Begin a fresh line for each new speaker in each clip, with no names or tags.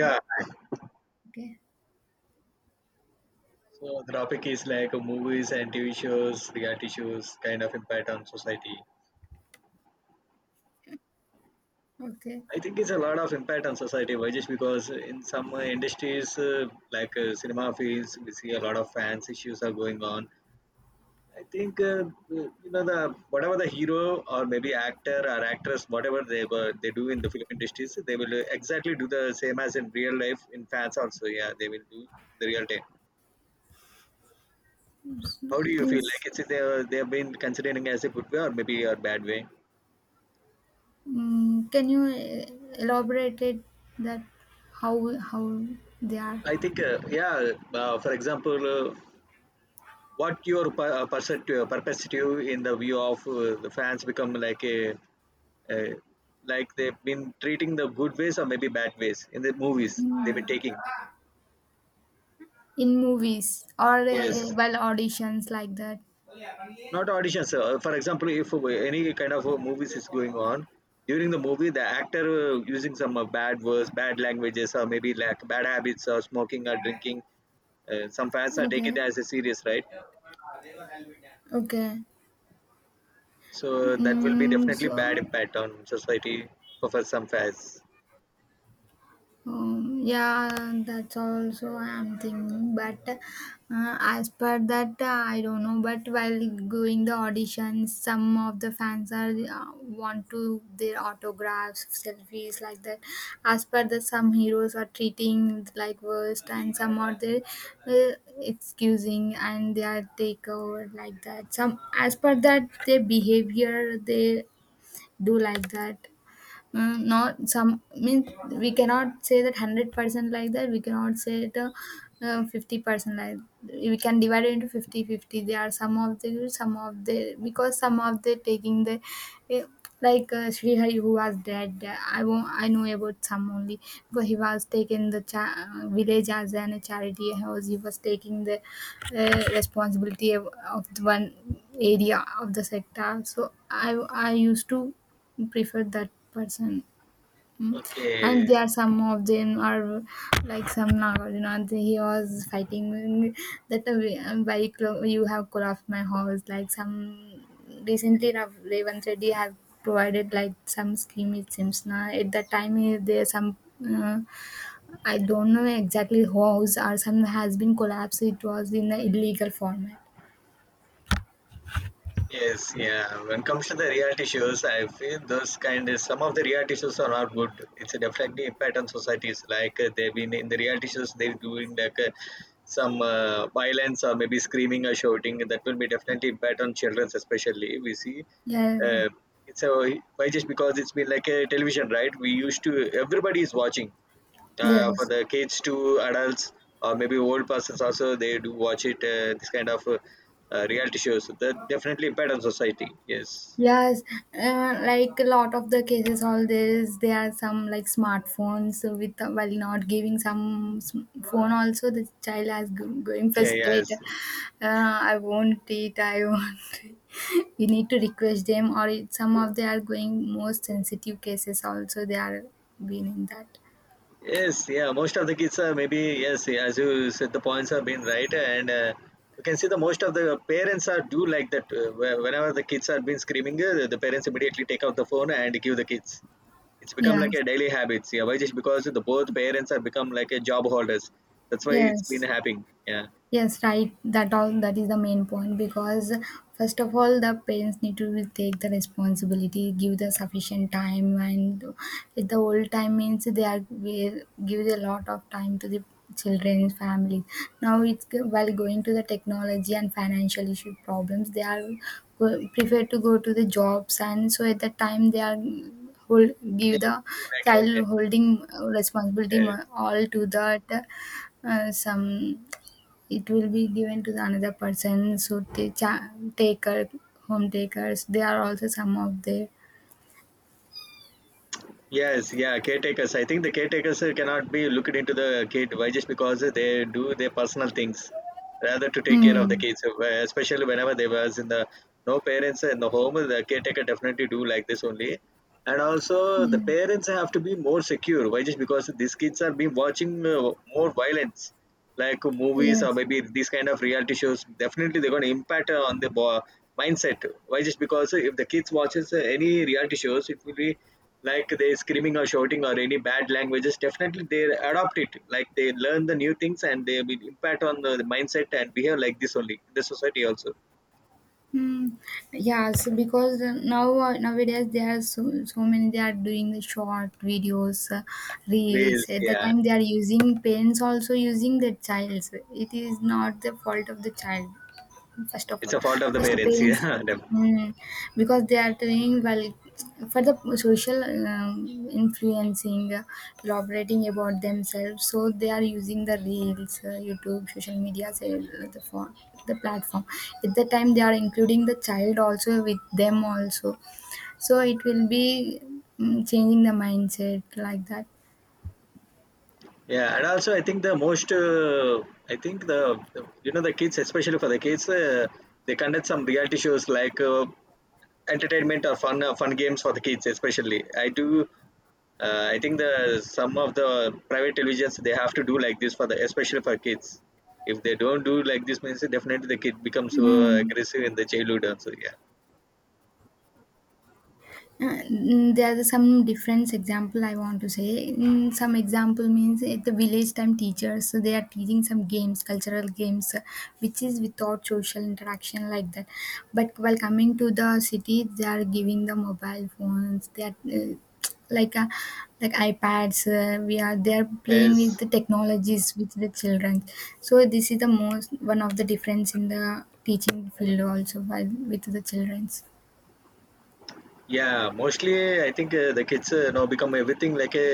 Yeah. Okay.
so the topic is like movies and TV shows, reality shows, kind of impact on society.
Okay.
I think it's a lot of impact on society, why just because in some industries like cinema fields, we see a lot of fans issues are going on. I think the whatever the hero or maybe actor or actress, whatever they do in the film industries, they will exactly do the same as in real life in fans also. Yeah, they will do the real time. How do you feel? Like
Means,
it's they've been considering as a good way or maybe a bad way.
can you elaborate it that how how they are
I think yeah. For example, what your perspective in the view of the fans become like a like they've been treating the good ways or maybe bad ways in the movies they've been
mm,
taking.
in movies or
Yes,
well auditions like that?
not auditions. For example, if any kind of movies is going on during the movie, the actor using some bad words, bad languages, or maybe like bad habits or smoking or drinking. Some fans are take it
Okay.
as a serious, right?
Okay.
So that will be
Mm,
definitely bad
so
impact on society for some fans.
Yeah, that's also I'm thinking. But as per that, I don't know. But while going the auditions, some of the fans are want to their autographs, selfies like that. As per that, some heroes are treating like worst, and some are they uh, excusing and they are take over like that. Some as per that, their behavior they do like that not some means we cannot say that 100% like that we cannot say it 50% like we can divide it into 50 50. There are some of the good, some of the because some of the taking the uh, like Sri who was dead I won't I know about some only because he was taking the village as an charity house, he was taking the responsibility of the one area of the sector, so I used to prefer that person. Mm. And
Okay.
there are some of them are like some Nagarjuna, and he was fighting that why you have collapsed my house, like some recently Revanth Reddy have provided like some scheme, it seems. Now at that time there some uh, I don't know exactly house or some has been collapsed, it was in the illegal format.
Yes, yeah. When it comes to the reality shows, I feel those kind of some of the reality shows are not good. It's a definitely impact on societies. Like they've been in the reality shows, they're doing like some violence or maybe screaming or shouting. That will be definitely impact on children, especially. We see
Yeah,
uh, it's a why just because it's been like a television, right? We used to everybody is watching. For
yes.
the kids to adults or maybe old persons also they do watch it this kind of reality shows. So that definitely impact on society, yes,
Yes, like a lot of the cases, all this there are some like smartphones, so with while not giving some phone. Also, the child has going
yeah, yes,
frustrated. I won't eat. I won't eat." We need to request them, or it, some of they are going more sensitive cases. Also, they are being in that.
yes, yeah, most of the kids are maybe yes, yeah, as you said the points have been right. And you can see the most of the parents are do like that whenever the kids are been screaming the parents immediately take out the phone and give the kids. It's become like
Yes,
a daily habit. Yeah, why just because the both parents are become like a job holders, that's why it's been
yes.
happening. Yeah.
Yes, right. That all that is the main point because first of all, the parents need to take the responsibility, give the sufficient time, and if the old time means they are will give a lot of time to the children's families. Now it's while going to the technology and financial issue problems, they are prefer to go to the jobs, and so at that time they are hold
Yeah,
give the
like,
child holding responsibility
uh,
all to that some it will be given to the another person, so they taker home takers, they are also some of the
yes, yeah, caretakers. I think the caretakers cannot be looked into the kid. Why? Just because they do their personal things rather to take care of the
hmm.
kids. Especially whenever they was in the no parents in the home, the caretaker definitely do like this only. And also the
Yeah,
parents have to be more secure. Why? Just because these kids are being watching more violence like movies or
yes.
maybe these kind of reality shows definitely they're going to impact on the mindset. Why just because if the kids watches any reality shows it will be like they screaming or shouting or any bad languages definitely they adopt it like they learn the new things and they will impact on the mindset and behave like this only in the society also.
Hmm. Yeah, so because now nowadays there are so many they are doing the short videos, reels.
Whereas,
At the
yeah,
time they are using parents, also using the child. So, it is not the fault of the child. First of
it's
all,
a fault of the
first
parents
parents.
yeah def-.
mm, because they are doing well for the social influencing, elaborating about themselves, so they are using the reels, YouTube, social media, say, the phone, the platform. At the time they are including the child also with them also, so it will be changing the mindset like that.
Yeah, and also I think the most I think the you know the kids especially for the kids they conduct some reality shows like entertainment or fun games for the kids especially I think the some of the private televisions they have to do like this for the especially for kids. If they don't do like this means definitely the kid becomes so
Mm.
aggressive in the childhood also. Yeah.
There are some different example I want to say. Mm, some example means at the village time teachers, so they are teaching some games, cultural games, which is without social interaction like that. But while coming to the city they are giving the mobile phones, they are like uh, like iPads. We are they are playing with
Yes.
the technologies with the children, so this is the most one of the difference in the teaching field also while with the childrens.
Yeah, mostly I think the kids now become everything like a,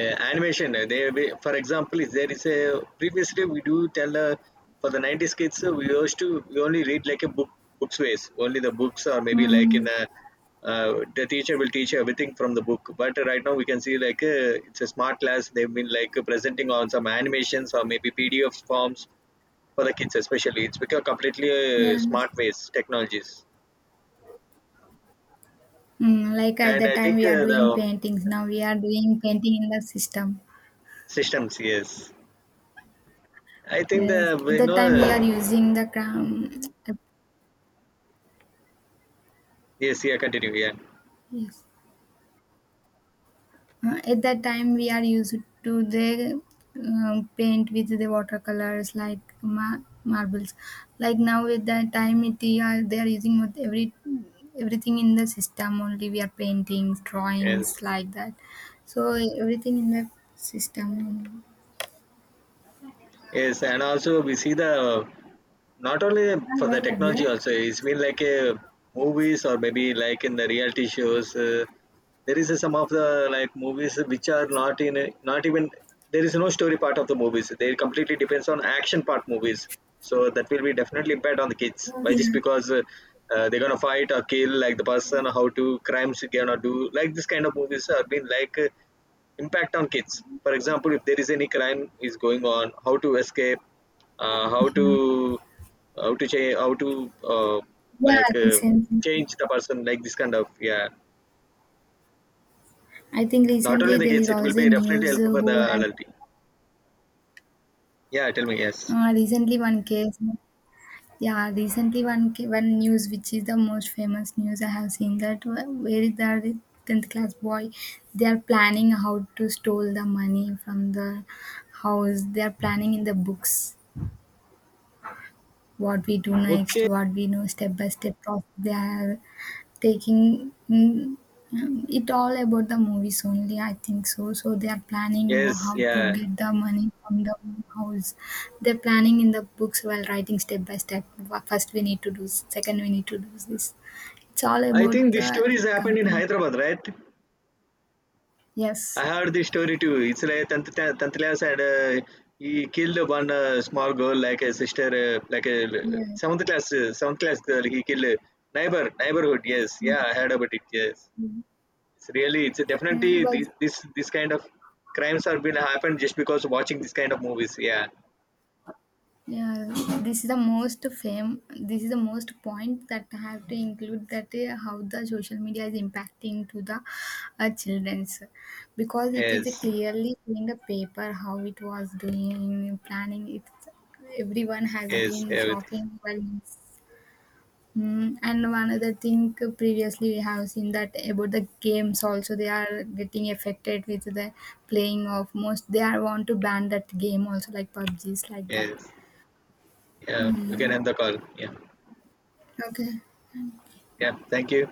animation. For example, if there is a previously we do tell for the 90s kids we used to we only read like a book books ways only the books or maybe like in
Mm.
a. The teacher will teach you everything from the book. But right now we can see like it's a smart class. They've been like presenting on some animations or maybe PDF forms for the kids especially. It's become completely
Yeah.
smart ways technologies.
Mm, like at
And
that
I
time
think
we are doing
the
paintings. Now we are doing painting in the system.
Systems, yes. I think
Yes.
the
At that time we are using the cram.
yes, yeah, continue, yeah,
Yes. At that time we are used to the paint with the watercolors like marbles. Like now at that time it, they are using with everything in the system only. We are paintings,
yes,
drawings like that. So everything in the system.
yes, and also we see the not only
हाँ,
for the
बंद कर.
technology also it's been like a movies or maybe like in the reality shows there is some of the like movies which are not in a, not even there is no story part of the movies they completely depends on action part movies. So that will be definitely bad on the kids, why just
Yeah.
because they're gonna fight or kill like the person how to crimes you gonna do like this kind of movies have been like impact on kids. For example, if there is any crime is going on how to escape, uh, how to how to change, how to uh,
Yeah.
like,
Recently.
change the person, like this kind of, yeah.
I think
Not
recently
only the
there is
kids, it will
also
be definitely
news
helpful for the
who has
adult. Yeah, tell me. Yes.
recently one case. Yeah, recently one news which is the most famous news I have seen, that where is the tenth class boy? They are planning how to steal the money from the house. They are planning in the books, what we do next,
Okay.
what we know, step by step process they are taking. It all about the movies only, I think so. So they are planning
Yes,
how to
yeah,
get the money from the house. They're planning in the books while writing step by step. First we need to do, second we need to do this. It's all
I think
about
this story is
the
happened in
company.
Hyderabad, right?
Yes.
I heard this story too. It's like tenth class and he killed one small girl like a sister like a
Yeah.
seventh class girl. He killed a neighborhood. Yes,
Yeah.
yeah, I heard about it, yes.
Mm.
It's definitely
Mm, Well,
this kind of crimes are been happened just because watching this kind of movies. Yeah.
Yeah, this is the most fame. This is the most point that I have to include, that how the social media is impacting to the childrens, because it is
Yes.
clearly in the paper how it was doing planning. It everyone has
Yes.
been
Everything.
shopping well. Mm, and one other thing, previously we have seen that about the games also, they are getting affected with the playing of most, they are want to ban that game also like PUBGs like that.
Yes. Yeah, we can
Mm.
end the call. Yeah.
Okay.
Yeah. Thank you.